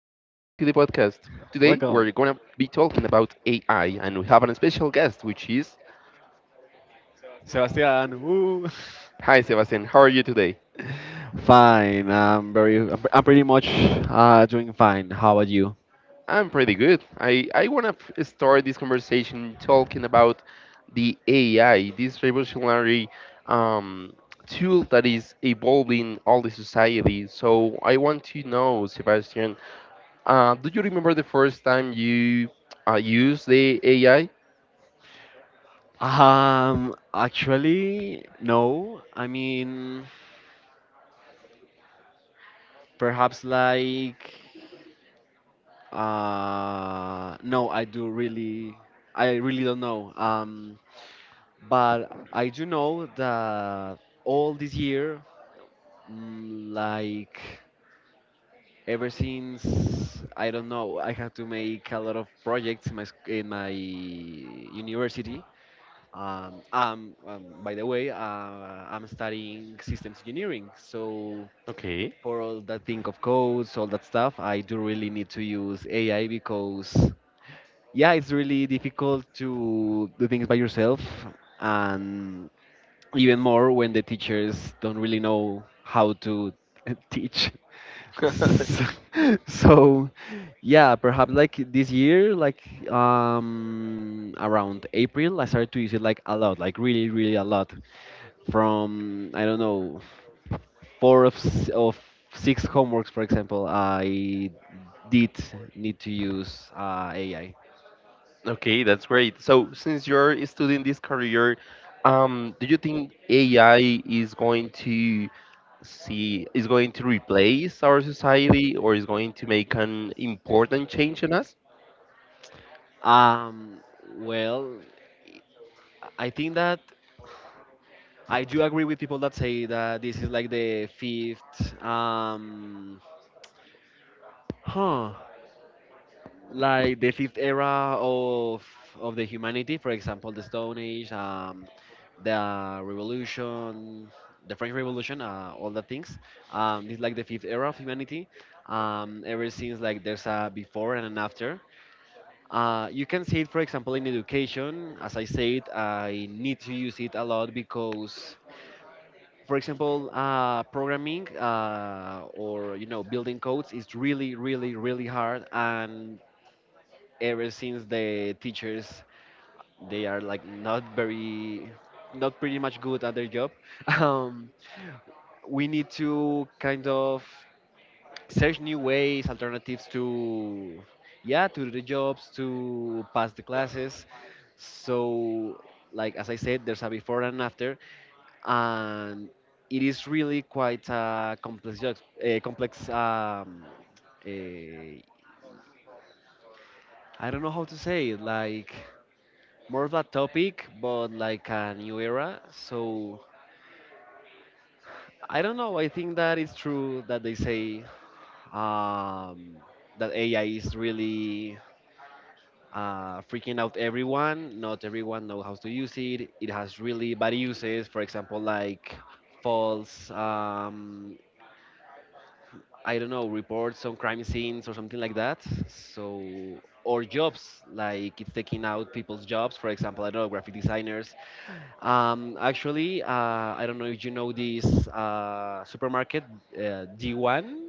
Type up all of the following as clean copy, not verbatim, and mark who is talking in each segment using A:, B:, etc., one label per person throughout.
A: Welcome,
B: Today we're gonna be talking about AI, and we have a special guest which is...
A: Sebastian. Woo.
B: Hi Sebastian, how are you today?
A: Fine. I'm pretty much doing fine. How about you?
B: I'm pretty good. I wanna start this conversation talking about the AI, this revolutionary um, tool that is evolving all the society. So I want to know, Sebastian, do you remember the first time you used the AI?
A: Actually, no. I mean, perhaps like. No, I do really. I really don't know. But I do know that all this year, mm, like ever since I don't know, I have to make a lot of projects in my in my university. By the way, I'm studying systems engineering, so
B: Okay.
A: for all that thing of codes, all that stuff, I do really need to use AI because yeah, it's really difficult to do things by yourself, and even more when the teachers don't really know how to teach. So, so, yeah, perhaps like this year, like around April, I started to use it like a lot, like really, really a lot. From I don't know, four of six homeworks, for example, I did need to use AI.
B: Okay, that's great. So, since you're studying this career, do you think AI is going to see is going to replace our society, or is going to make an important change in us?
A: Um, well, I think that I do agree with people that say that this is like the fifth, huh, like the fifth era of the humanity. For example, the Stone Age, the Revolution, the French Revolution, all the things. This is like the fifth era of humanity. Ever since, like, there's a before and an after. You can see it, for example, in education. As I said, I need to use it a lot because, for example, programming or you know building codes is really, really, really hard. And ever since the teachers, they are like not very, not pretty much good at their job. Um, we need to kind of search new ways, alternatives to, yeah, to do the jobs, to pass the classes. So, like as I said, there's a before and after, and it is really quite a complex, job, a complex. A, I don't know how to say it, like more of a topic, but like a new era. So I don't know. I think that it's true that they say um, that AI is really freaking out everyone. Not everyone know how to use it. It has really bad uses. For example, like false, I don't know, reports on crime scenes or something like that. So or jobs, like it's taking out people's jobs. For example, I don't know, graphic designers. Um, actually, uh, I don't know if you know this supermarket, D1.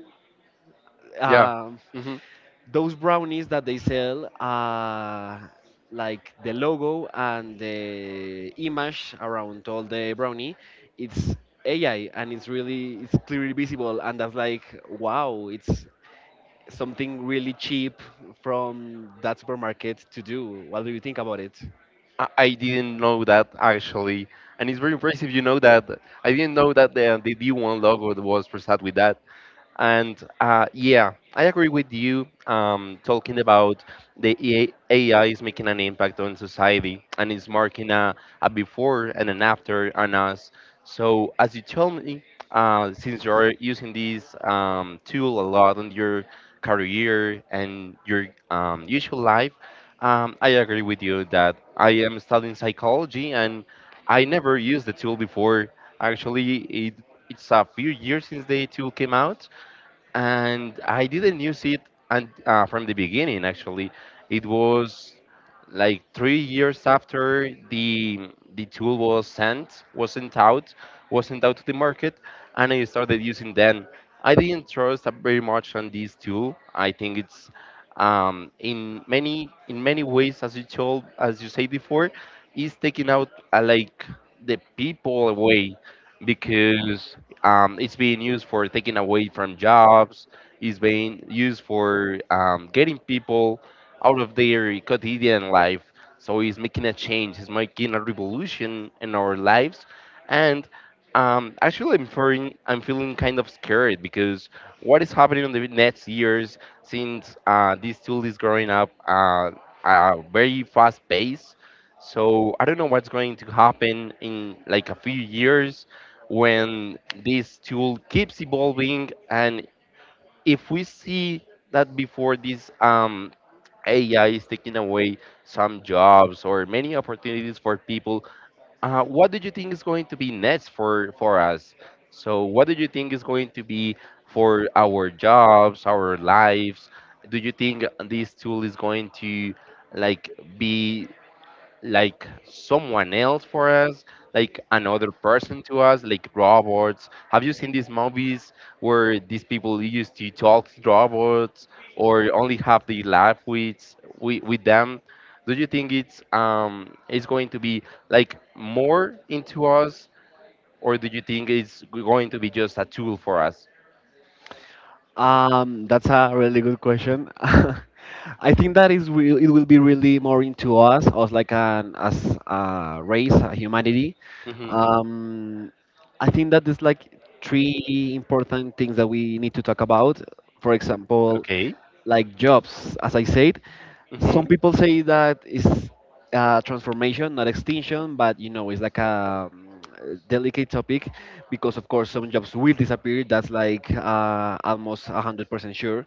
B: Yeah.
A: Um,
B: Hmm.
A: those brownies that they sell like the logo and the image around all the brownie, it's AI, and it's really, it's clearly visible, and that's like wow, it's something really cheap from that supermarket to do. What do you think about it?
B: I didn't know that actually, and it's very impressive. You know that I didn't know that the D1 logo was presented with that. And yeah, I agree with you, talking about the EA AI is making an impact on society, and it's marking a before and an after on us. So, as you tell me, since you're using this tool a lot in your career and your usual life, I agree with you that I am studying psychology, and I never used the tool before. Actually, it's a few years since the tool came out, and I didn't use it. And from the beginning actually it was like 3 years after the tool was sent out to the market, and I started using then. I didn't trust very much on this tool. I think it's in many ways, as you told as you said before, is taking out, like, the people away, because it's being used for taking away from jobs. It's being used for getting people out of their quotidian life. So it's making a change. It's making a revolution in our lives. And actually, I'm feeling kind of scared, because what is happening in the next years, since this tool is growing up at a very fast pace. So I don't know what's going to happen in like a few years when this tool keeps evolving. And if we see that before this, AI is taking away some jobs or many opportunities for people, what do you think is going to be next for us? So, what do you think is going to be for our jobs, our lives? Do you think this tool is going to, like, be like someone else for us, like another person to us, like robots? Have you seen these movies where these people used to talk to robots, or only have the laugh with with them? Do you think it's, it's going to be like more into us, or do you think it's going to be just a tool for us?
A: That's a really good question. I think that is will, it will be really more into us, us like an as a race, a humanity.
B: Hmm.
A: Um, I think that there's like three important things that we need to talk about. For example,
B: Okay.
A: like jobs, as I said, some
B: Hmm.
A: people say that it's transformation, not extinction, but you know, it's like a delicate topic because, of course, some jobs will disappear. That's like almost 100% sure.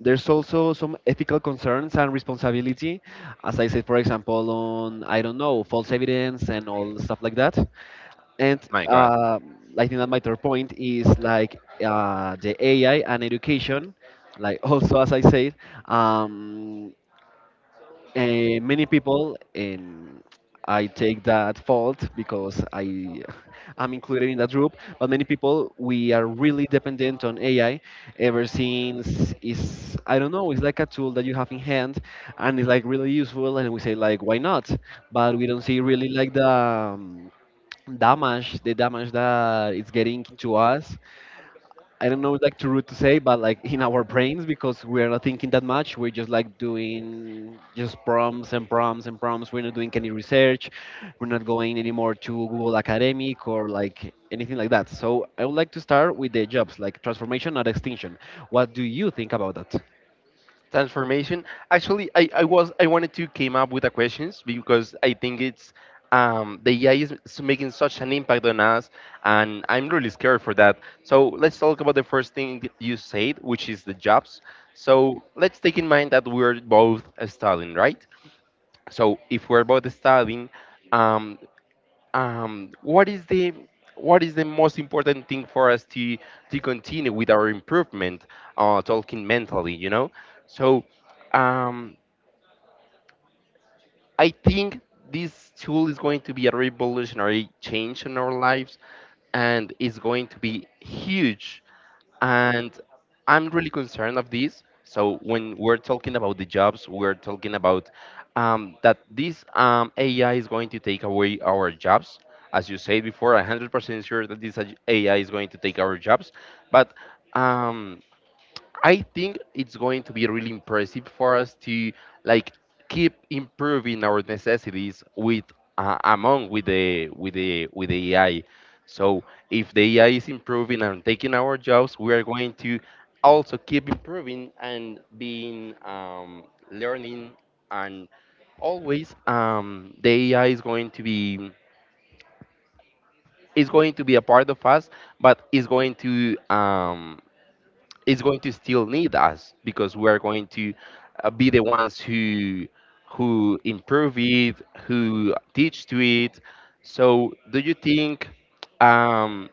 A: There's also some ethical concerns and responsibility, as I said, for example, on I don't know false evidence and all stuff like that. And
B: My God.
A: uh, I think that my third point is like the AI and education, like also as I said, um, many people, and I take that fault because I am included in that group. But many people, we are really dependent on AI ever since is I don't know. It's like a tool that you have in hand, and it's like really useful. And we say like, why not? But we don't see really like the damage, the damage that it's getting to us. I don't know, like too rude to say, but like in our brains because we're not thinking that much. We're just like doing just prompts and prompts and prompts. We're not doing any research. We're not going anymore to Google Academic or like anything like that. So I would like to start with the jobs, like transformation, not extinction. What do you think about that?
B: Transformation. Actually, I was... I wanted to came up with the questions, because I think it's, the AI is making such an impact on us, and I'm really scared for that. So let's talk about the first thing you said, which is the jobs. So let's take in mind that we're both studying, right? So if we're both studying, um, what is the... what is the most important thing for us to continue with our improvement, talking mentally, you know. So um, I think this tool is going to be a revolutionary change in our lives, and it's going to be huge. And I'm really concerned of this. So when we're talking about the jobs, we're talking about, that this, AI is going to take away our jobs. As you said before, 100% sure that this AI is going to take our jobs. But um, I think it's going to be really impressive for us to, like, keep improving our necessities with, among with the AI. So if the AI is improving and taking our jobs, we are going to also keep improving and being, learning. And always, the AI is going to be... is going to be a part of us, but is going to, it's going to still need us, because we're going to, be the ones who improve it, who teach to it. So, do you think, um,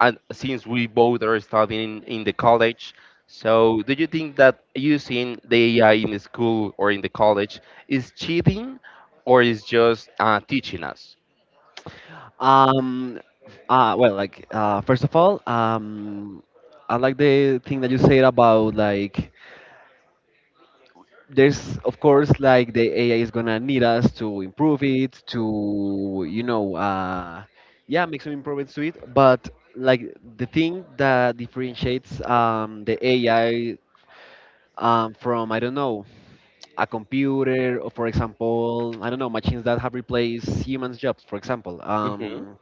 B: and since we both are studying in the college, so do you think that using the AI in the school or in the college is cheating, or is just teaching us?
A: Um, First of all, I like the thing that you said about like there's of course like the AI is gonna need us to improve it, to you know, yeah, make some improvements to it. But like the thing that differentiates the AI from I don't know a computer, or for example I don't know, machines that have replaced humans' jobs. For example,
B: Hmm.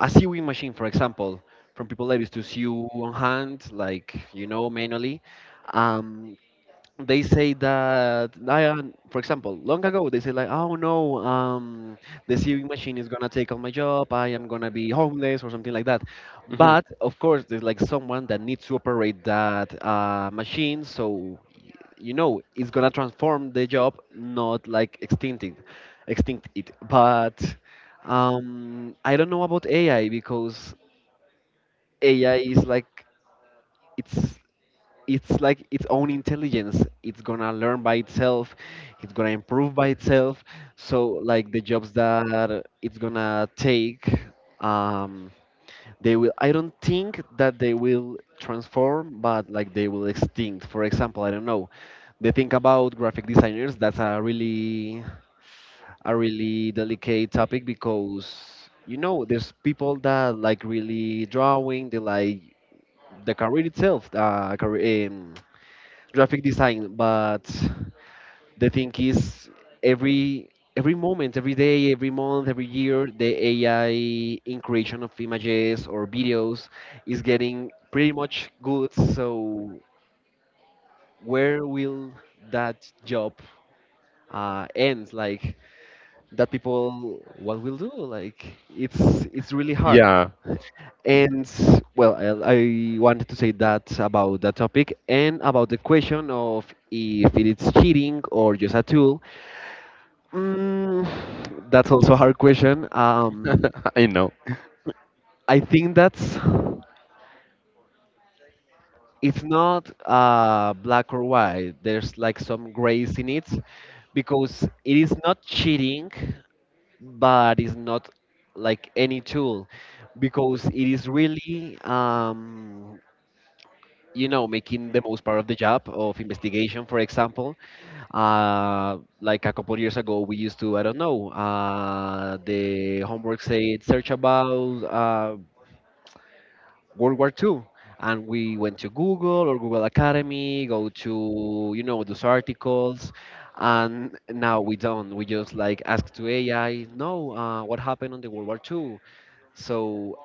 A: a sewing machine, for example, from people that used to sew on hand, like you know, manually. Um, they say that for example, long ago they say like, oh no, the sewing machine is gonna take all my job. I am gonna be homeless or something like that.
B: Hmm.
A: But of course, there's like someone that needs to operate that machine, so you know it's gonna transform the job, not like extinct it. But I don't know about AI because AI is like it's it's like its own intelligence. It's gonna learn by itself, it's gonna improve by itself. So like the jobs that it's gonna take, um they will, I don't think that they will transform, but like they will extinct. For example, I don't know, they think about graphic designers. That's a really, a really delicate topic because you know there's people that like really drawing, they like the career itself, graphic design. But the thing is, every every moment, every day, every month, every year, the AI in creation of images or videos is getting pretty much good. So where will that job end? Like that people, what will do? Like it's really hard.
B: Yeah.
A: And well, I wanted to say that about that topic and about the question of if it's cheating or just a tool. Mm, that's also a hard question.
B: I know.
A: I think that's, it's not black or white. There's like some grays in it, because it is not cheating, but it's not like any tool because it is really you know making the most part of the job of investigation. For example, like a couple years ago we used to I don't know, the homework said search about World War II, and we went to Google or Google Academy, go to you know those articles. And now we don't, we just like ask to AI. No, what happened on the World War II? So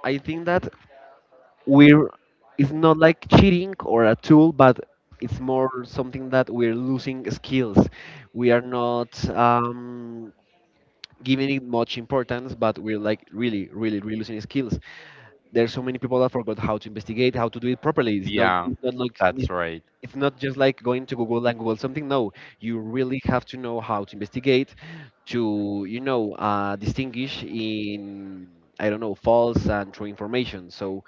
A: I think that we're it's not like cheating or a tool, but it's more something that we're losing skills. We are not giving it much importance, but we're like really, really, really losing skills. There's so many people that forgot how to investigate, how to do it properly. It's not,
B: Yeah,
A: it's not like,
B: that's right.
A: it's not just like going to Google and google something. No, you really have to know how to investigate, to you know distinguish in I don't know false and true information. So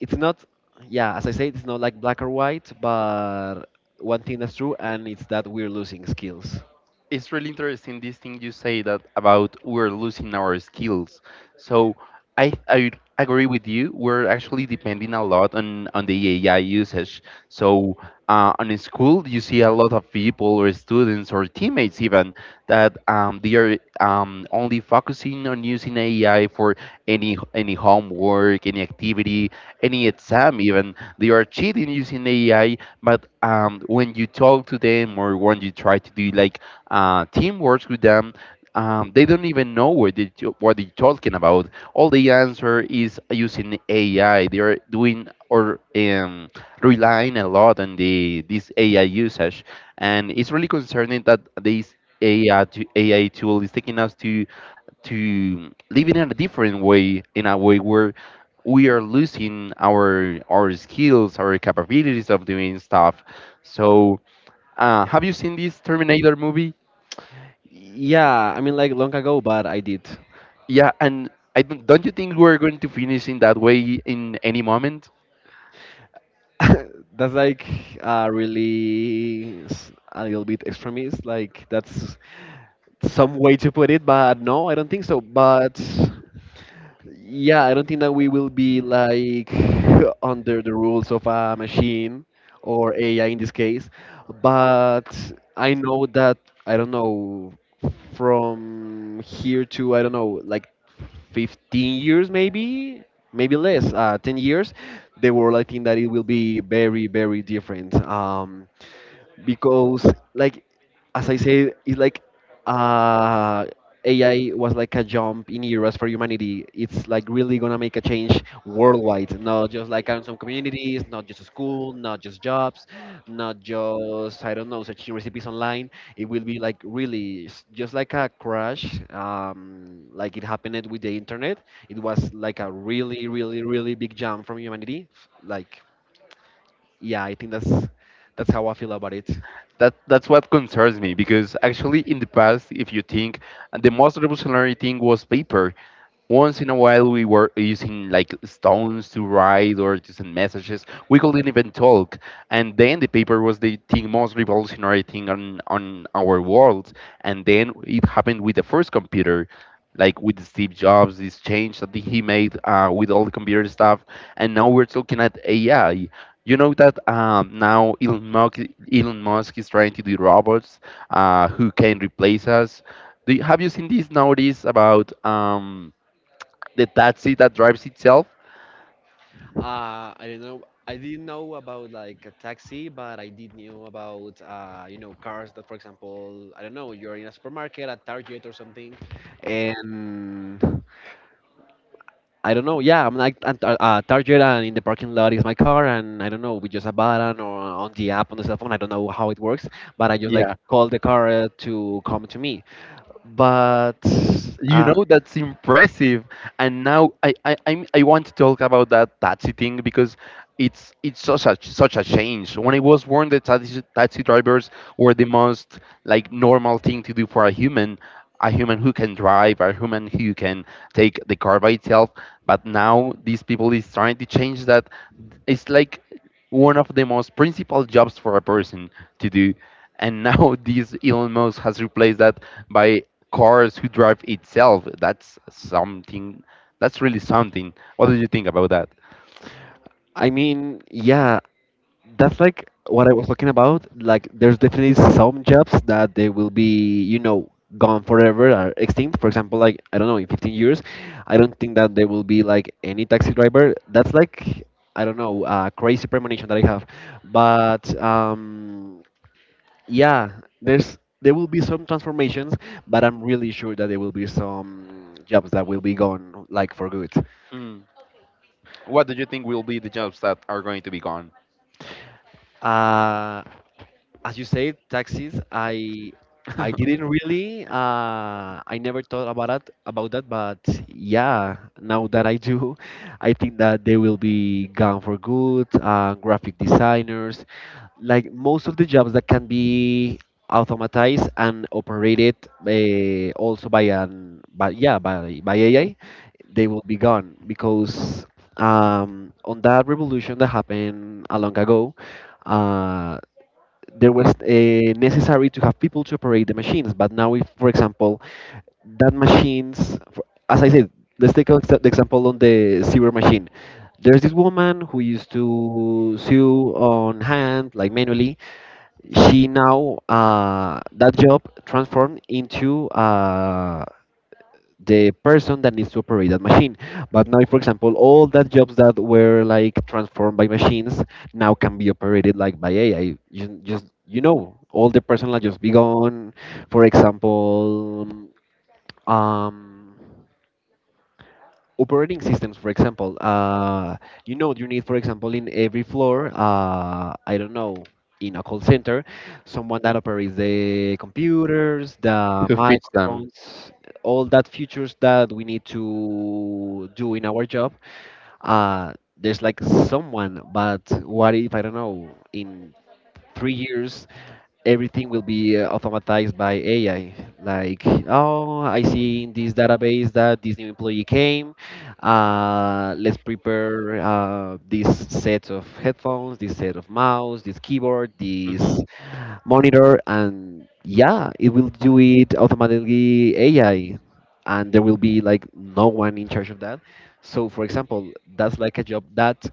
A: it's not, yeah, as I said, it's not like black or white, but one thing that's true, and it's that we're losing skills.
B: It's really interesting this thing you say that about we're losing our skills. So I agree with you. We're actually depending a lot on the AI usage. So, on a school, you see a lot of people or students or teammates, even that, they are, only focusing on using AI for any homework, any activity, any exam. Even they are cheating using AI. But when you talk to them, or when you try to do like team works with them. They don't even know what, what they're talking about. All the answer is using AI. They are doing or, relying a lot on the this AI usage, and it's really concerning that this AI tool is taking us to living in a different way, in a way where we are losing our skills, our capabilities of doing stuff. So, have you seen this Terminator movie?
A: Yeah, I mean like long ago, but I did.
B: Yeah, and I don't you think we're going to finish in that way in any moment?
A: That's like really a little bit extremist, like that's some way to put it, but no, I don't think so. But yeah, I don't think that we will be like under the rules of a machine or AI in this case, but I know that I don't know, from here to I don't know like 15 years maybe, maybe less 10 years, the world, I think that it will be very, very different. Because like as I say, it's like uh, AI was like a jump in eras for humanity. It's like really gonna make a change worldwide, not just like on some communities, not just school, not just jobs, not just I don't know searching recipes online. It will be like really just like a crash, like it happened with the internet. It was like a really, really, really big jump from humanity. Like yeah, I think that's how I feel about it.
B: That that's what concerns me, because actually in the past, if you think, the most revolutionary thing was paper. Once in a while, we were using like stones to write or to send messages. We couldn't even talk. And then the paper was the thing most revolutionary thing on our world. And then it happened with the first computer, like with Steve Jobs, this change that he made with all the computer stuff. And now we're talking at AI. You know that, now Elon Musk, Elon Musk is trying to do robots who can replace us. Do you, have you seen this nowadays about? The taxi that drives itself.
A: I didn't know. I didn't know about like a taxi, but I did know about you know cars that, for example, I don't know, you're in a supermarket at Target or something, and I don't know. Yeah, I'm like at Target, and in the parking lot is my car, and I don't know, we just a button or on the app on the cell phone. I don't know how it works, but I just like
B: Yeah.
A: call the car to come to me. But
B: You
A: uh,
B: know, that's impressive. And now I want to talk about that taxi thing, because it's such a such a change. When I was born, the taxi drivers were the most, like, normal thing to do for a human who can drive, a human who can take the car by itself. But now these people is trying to change that. It's like one of the most principal jobs for a person to do. And now this Elon Musk has replaced that by cars who drive itself. That's something. That's really something. What do you think about that?
A: I mean, yeah, that's like what I was talking about. Like, there's definitely some jobs that they will be, you know, gone forever or extinct. For example, like I don't know, in 15 years, I don't think that there will be like any taxi driver. That's like I don't know, a crazy premonition that I have. But yeah, there will be some transformations, but I'm really sure that there will be some jobs that will be gone like for good.
B: Hmm. What do you think will be the jobs that are going to be gone?
A: Uh, as you say, taxis. I
B: Who
A: I didn't really. I never thought about that. About that, but yeah, now that I do, I think that they will be gone for good. Graphic designers, like most of the jobs that can be automatized and operated also by an but yeah by AI, they will be gone because on that revolution that happened a long ago. Uh, there was necessary to have people to operate the machines. But now, if, for example, that machines, for, as I said, let's take an exa- the example on the sewer machine. There's this woman who used to sew on hand, like manually. She now that job transformed into the person that needs to operate that machine. But now, for example, all that jobs that were like transformed by machines now can be operated like by AI. You, just you know, all the person just be gone. For example, um, operating systems for example you know you need for example in every floor I don't know, in a call center, someone that operates the computers, the
B: fits them?
A: microphones, all that features that we need to do in our job. There's like someone, but what if I don't know in 3 years everything will be automatized by AI. Like, oh, I see in this database that this new employee came. Let's prepare this set of headphones, this set of mouse, this keyboard, this monitor, and yeah, it will do it automatically AI, and there will be like no one in charge of that. So, for example, that's like a job that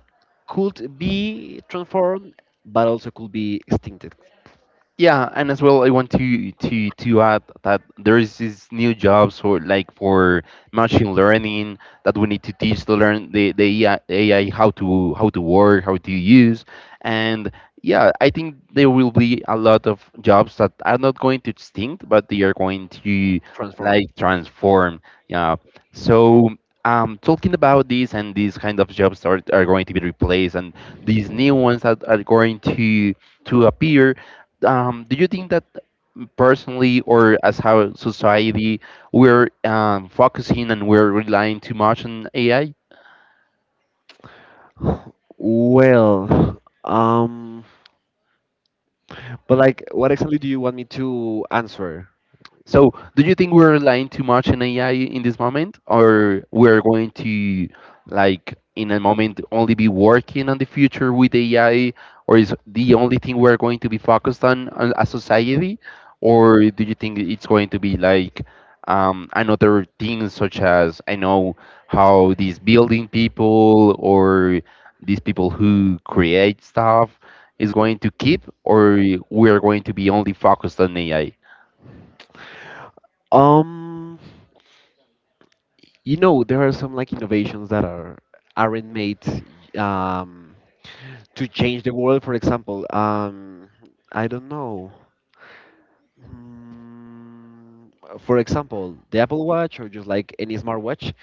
A: could be transformed, but also could be extincted,
B: Yeah, and as well, I want to add that there is these new jobs for, like, for machine learning that we need to teach to learn the AI, how to work, how to use, and yeah, I think there will be a lot of jobs that are not going to extinct, but they are going to,
A: transformed.
B: like, transform. Yeah, so. Talking about this, and these kind of jobs are going to be replaced, and these new ones that are going to appear, do you think that personally or as how society we're, focusing and we're relying too much on AI?
A: Well, um, but like, what exactly do you want me to answer?
B: So, do you think we're relying too much on AI in this moment, or we're going to, like, in a moment, only be working on the future with AI, or is the only thing we're going to be focused on as society, or do you think it's going to be like, another things, such as, I know, how these building people or these people who create stuff is going to keep, or we're going to be only focused on AI?
A: Um, you know, there are some like innovations that are aren't made um to change the world. For example, I don't know. Mm, for example, the Apple Watch or just like any smartwatch.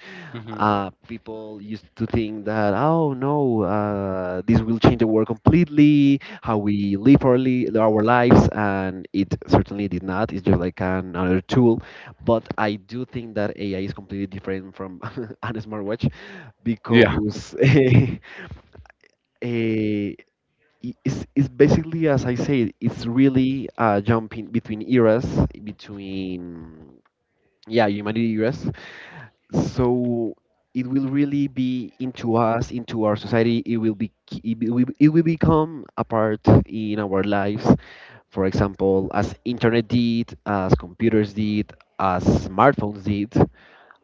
A: People used to think that oh no, this will change the world completely, how we live our lives, and it certainly did not. It's just like another tool, but I do think that AI is completely different from a smartwatch
B: Yeah.
A: because eh, it's basically as I said, it's really jumping between eras, between yeah humanity eras. So it will really be into us, into our society. It will be, it will become a part in our lives, for example as internet did, as computers did, as smartphones did,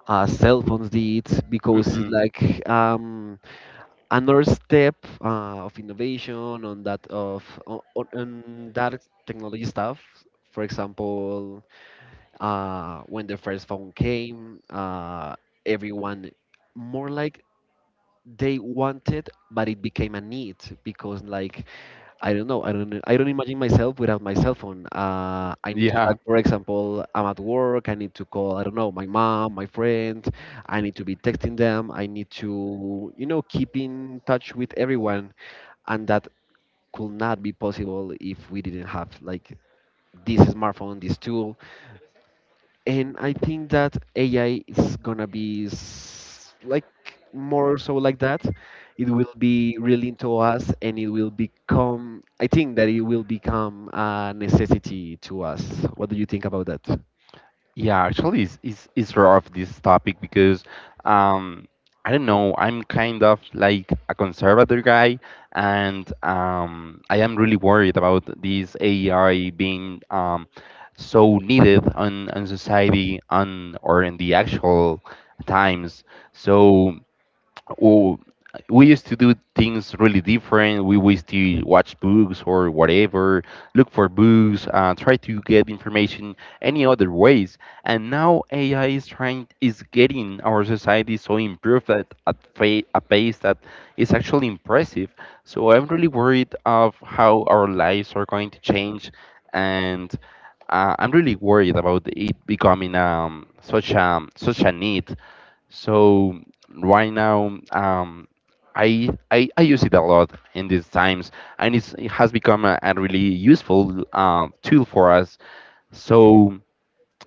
A: as cell phones did, because it's
B: Hmm.
A: like um, another step of innovation on that of on on that technology stuff. For example, when the first phone came, everyone more like they wanted, but it became a need because, like, I don't know, I don't imagine myself without my cell phone. I need to, like,
B: Yeah.
A: for example, I'm at work. I need to call, I don't know, my mom, my friend. I need to be texting them. I need to, you know, keep in touch with everyone, and that could not be possible if we didn't have like this smartphone, this tool. And I think that AI is gonna be s- like more so like that. It will be really into us, and it will become. I think that it will become a necessity to us. What do you think about that?
B: Yeah. Actually, it's rare of this topic, because, um, I don't know. I'm kind of like a conservative guy, and, I am really worried about this AI being, so needed on society on or in the actual times. So... Well, we used to do things really different. We used to watch books or whatever, look for books, try to get information any other ways. And now AI is trying is getting our society so improved at a pace that is actually impressive. So I'm really worried of how our lives are going to change, and I'm really worried about it becoming such a need. So right now I use it a lot in these times, and it has become a really useful tool for us. So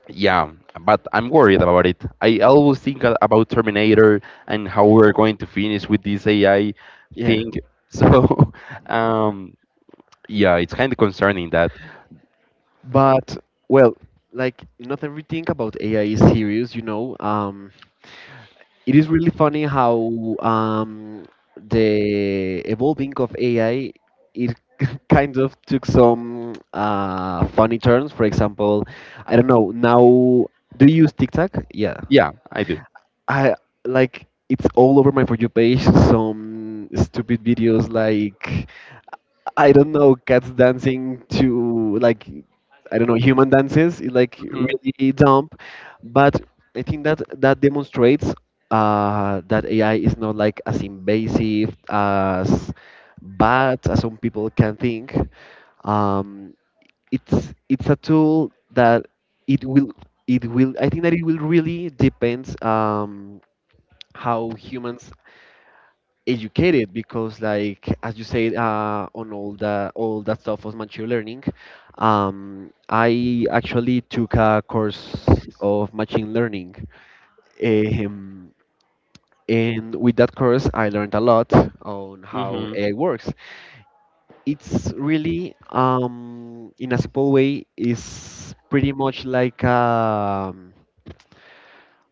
B: yeah, but I'm worried about it. I always think about Terminator and how we're going to finish with this AI
A: Yeah,
B: thing. So um, yeah, it's kind of concerning that.
A: but well, like not everything about AI is serious, you know. It is really funny how the evolving of AI, it kind of took some funny turns. For example, I don't know now. Do you use TikTok? Yeah,
B: Yeah, I do.
A: I like it's all over my for you page. Some stupid videos like I don't know, cats dancing to like I don't know human dances is like
B: Hmm.
A: really dumb, but I think that that demonstrates that AI is not like as invasive as bad as some people can think. Um, it's a tool that it will it will I think that it will really depends how humans educated because like as you said on all the all that stuff was machine learning. I actually took a course of machine learning. um, and with that course I learned a lot on how AI works. It's really in a simple way is pretty much like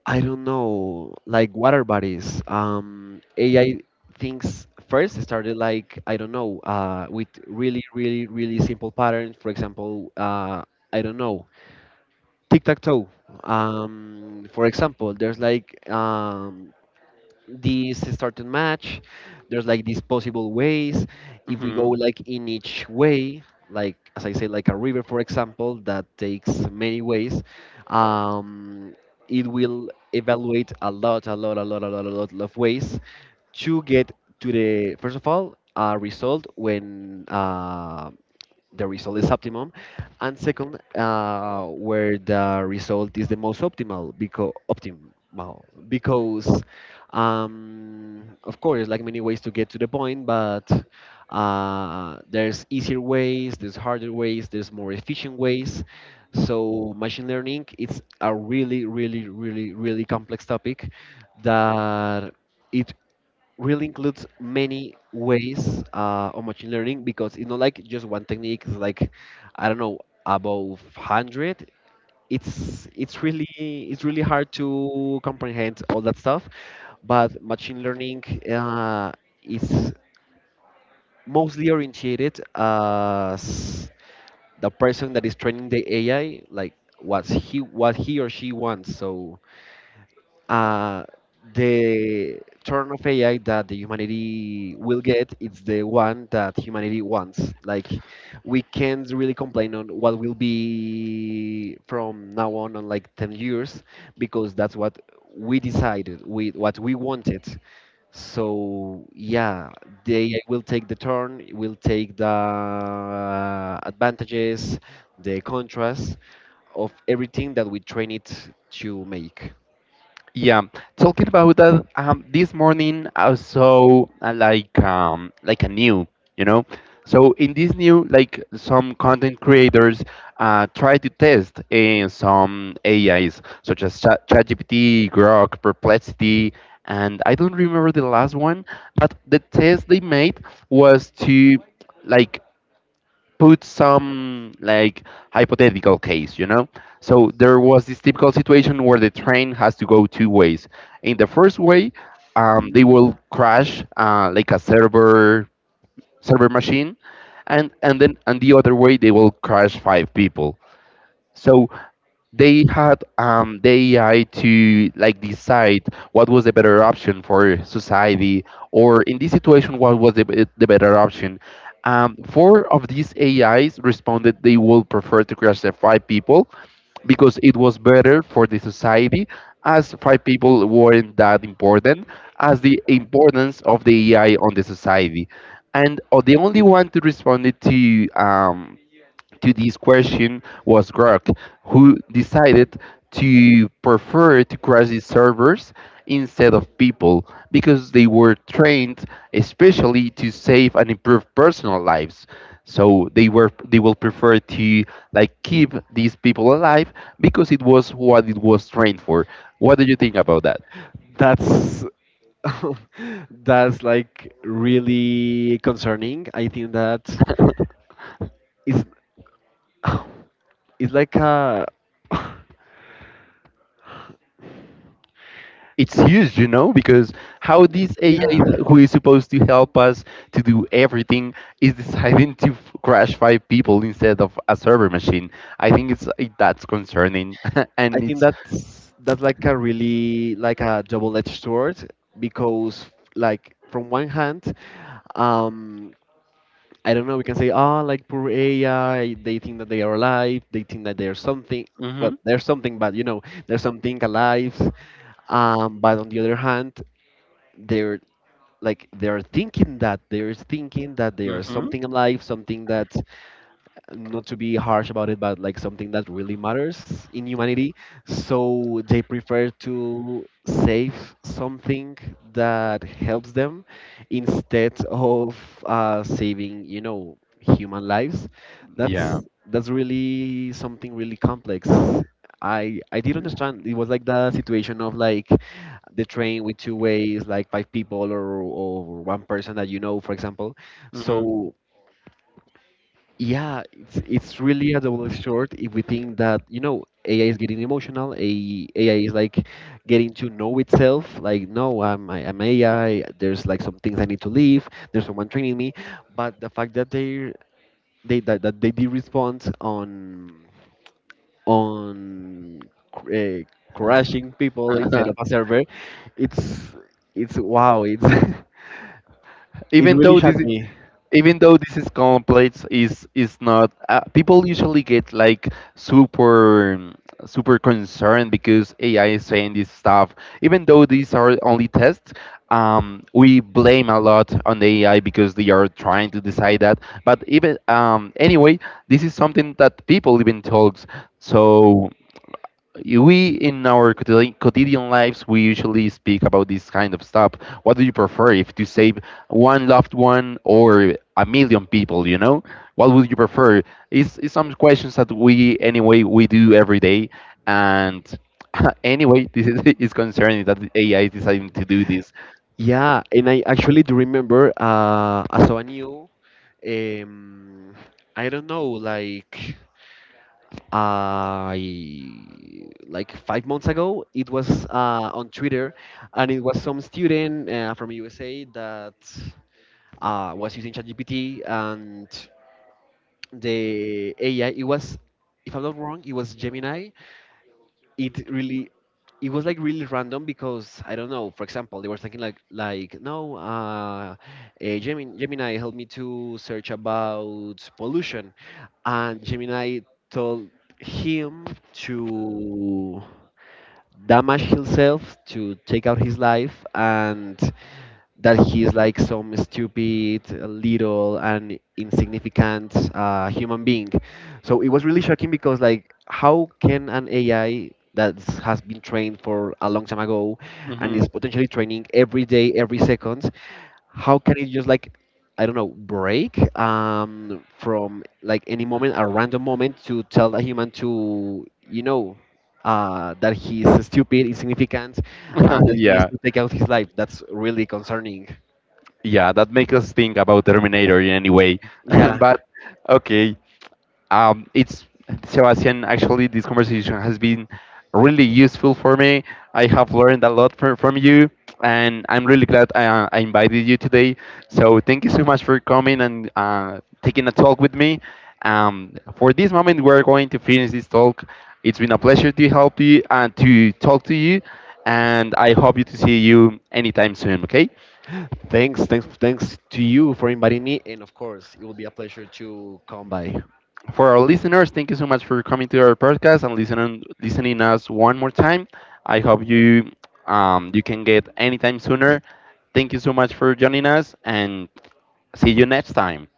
A: I don't know, like water bodies. AI things first started like I don't know, with really, really, really simple patterns. For example, I don't know, tic tac toe. For example, there's like this certain match, there's like these possible ways if we go
B: Hmm.
A: like in each way, like as I say like a river for example that takes many ways. um, it will evaluate a lot a lot a lot a lot a lot of ways to get to the first of all result, when the result is optimum, and second where the result is the most optimal, because optimal because of course like many ways to get to the point, but there's easier ways, there's harder ways, there's more efficient ways. So machine learning it's a really really really really complex topic that it really includes many ways of machine learning because it's not like just one technique. It's like I don't know above hundred. It's really, it's really hard to comprehend all that stuff, but machine learning uh, is mostly orientated as the person that is training the AI like what he or she wants. So uh, the turn of AI that the humanity will get, it's the one that humanity wants. Like we can't really complain on what will be from now on like 10 years because that's what we decided, we what we wanted. So yeah, the AI will take the turn, will take the advantages, the contrast of everything that we train it to make.
B: Yeah, talking about that, this morning I saw like a new, you know. So in this new, like some content creators try to test some AIs such as ChatGPT, Grok, Perplexity, and I don't remember the last one. But the test they made was to like put some like hypothetical case, you know? So there was this typical situation where the train has to go two ways. In the first way, they will crash like a server machine, and then and the other way they will crash five people. So they had the AI to like decide what was the better option for society, or in this situation, what was the better option. Four of these AIs responded they would prefer to classify people because it was better for the society, as five people weren't that important, as the importance of the AI on the society. And the only one to respond to this question was Grok, who decided to prefer to crash these servers instead of people because they were trained especially to save and improve personal lives. So they will prefer to like keep these people alive because it was what it was trained for. What do you think about that?
A: That's that's like really concerning. I think that is it's like a
B: It's huge, you know, because how this AI
A: yeah.
B: who is supposed to help us to do everything is deciding to crash five people instead of a server machine. I think that's concerning,
A: I
B: and
A: think
B: it's.
A: that's like a really like a double-edged sword because like from one hand, um, I don't know, we can say ah like poor AI, they think that they are alive, they think that they are something.
B: Hmm.
A: Well, there's something, but you know, there's something alive. But on the other hand, they're like they're thinking that they are
B: Hmm.
A: something alive, something that, not to be harsh about it, but like something that really matters in humanity. So they prefer to save something that helps them instead of saving, you know, human lives. That's
B: Yeah.
A: that's really something really complex. I did understand. It was like the situation of like the train with two ways, like five people or one person that you know, for example.
B: Hmm.
A: So yeah, it's really a double sword if we think that, you know, AI is getting emotional, A AI is like getting to know itself, like, no, I'm AI, there's like some things I need to leave, there's someone training me, but the fact that that they did respond on on uh, crashing people instead of a server, it's it's wow, it's it
B: Even
A: really
B: though this
A: shocked me.
B: Even though this is complex is not people usually get like super super concerned because AI is saying this stuff, even though these are only tests. We blame a lot on the AI because they are trying to decide that, but even anyway, this is something that people even talks, so we in our quotidian lives we usually speak about this kind of stuff. What do you prefer, if to save one loved one or a million people, you know, what would you prefer? Is some questions that we anyway we do every day, and anyway this is, is concerning that the AI is deciding to do this.
A: Yeah, and I actually do remember so I saw a new um I don't know like I like 5 months ago. It was on Twitter and it was some student from USA that was using ChatGPT, and the AI it was, if I'm not wrong, it was Gemini. It really, it was like really random because I don't know. For example, they were thinking like no, eh, Gemini, helped me to search about pollution, and Gemini told him to damage himself to take out his life, and that he's like some stupid, little, and insignificant human being. So it was really shocking because, like, how can an AI that has been trained for a long time ago and
B: Hmm.
A: is potentially training every day, every second, how can it just like I don't know, break from like any moment, a random moment, to tell a human to, you know, that he's stupid, insignificant, and that he needs
B: Yeah,
A: to take out his life. That's really concerning.
B: yeah, that makes us think about Terminator in any way.
A: Yeah,
B: But okay. It's Sebastian. Actually, this conversation has been really useful for me. I have learned a lot from you, and I'm really glad I invited you today. So thank you so much for coming and taking a talk with me. For this moment, we're going to finish this talk. It's been a pleasure to help you and to talk to you, and I hope you to see you anytime soon. Okay.
A: thanks to you for inviting me, and of course, it will be a pleasure to come by.
B: For our listeners, thank you so much for coming to our podcast and listening us one more time. I hope you you can get anytime sooner. Thank you so much for joining us and see you next time.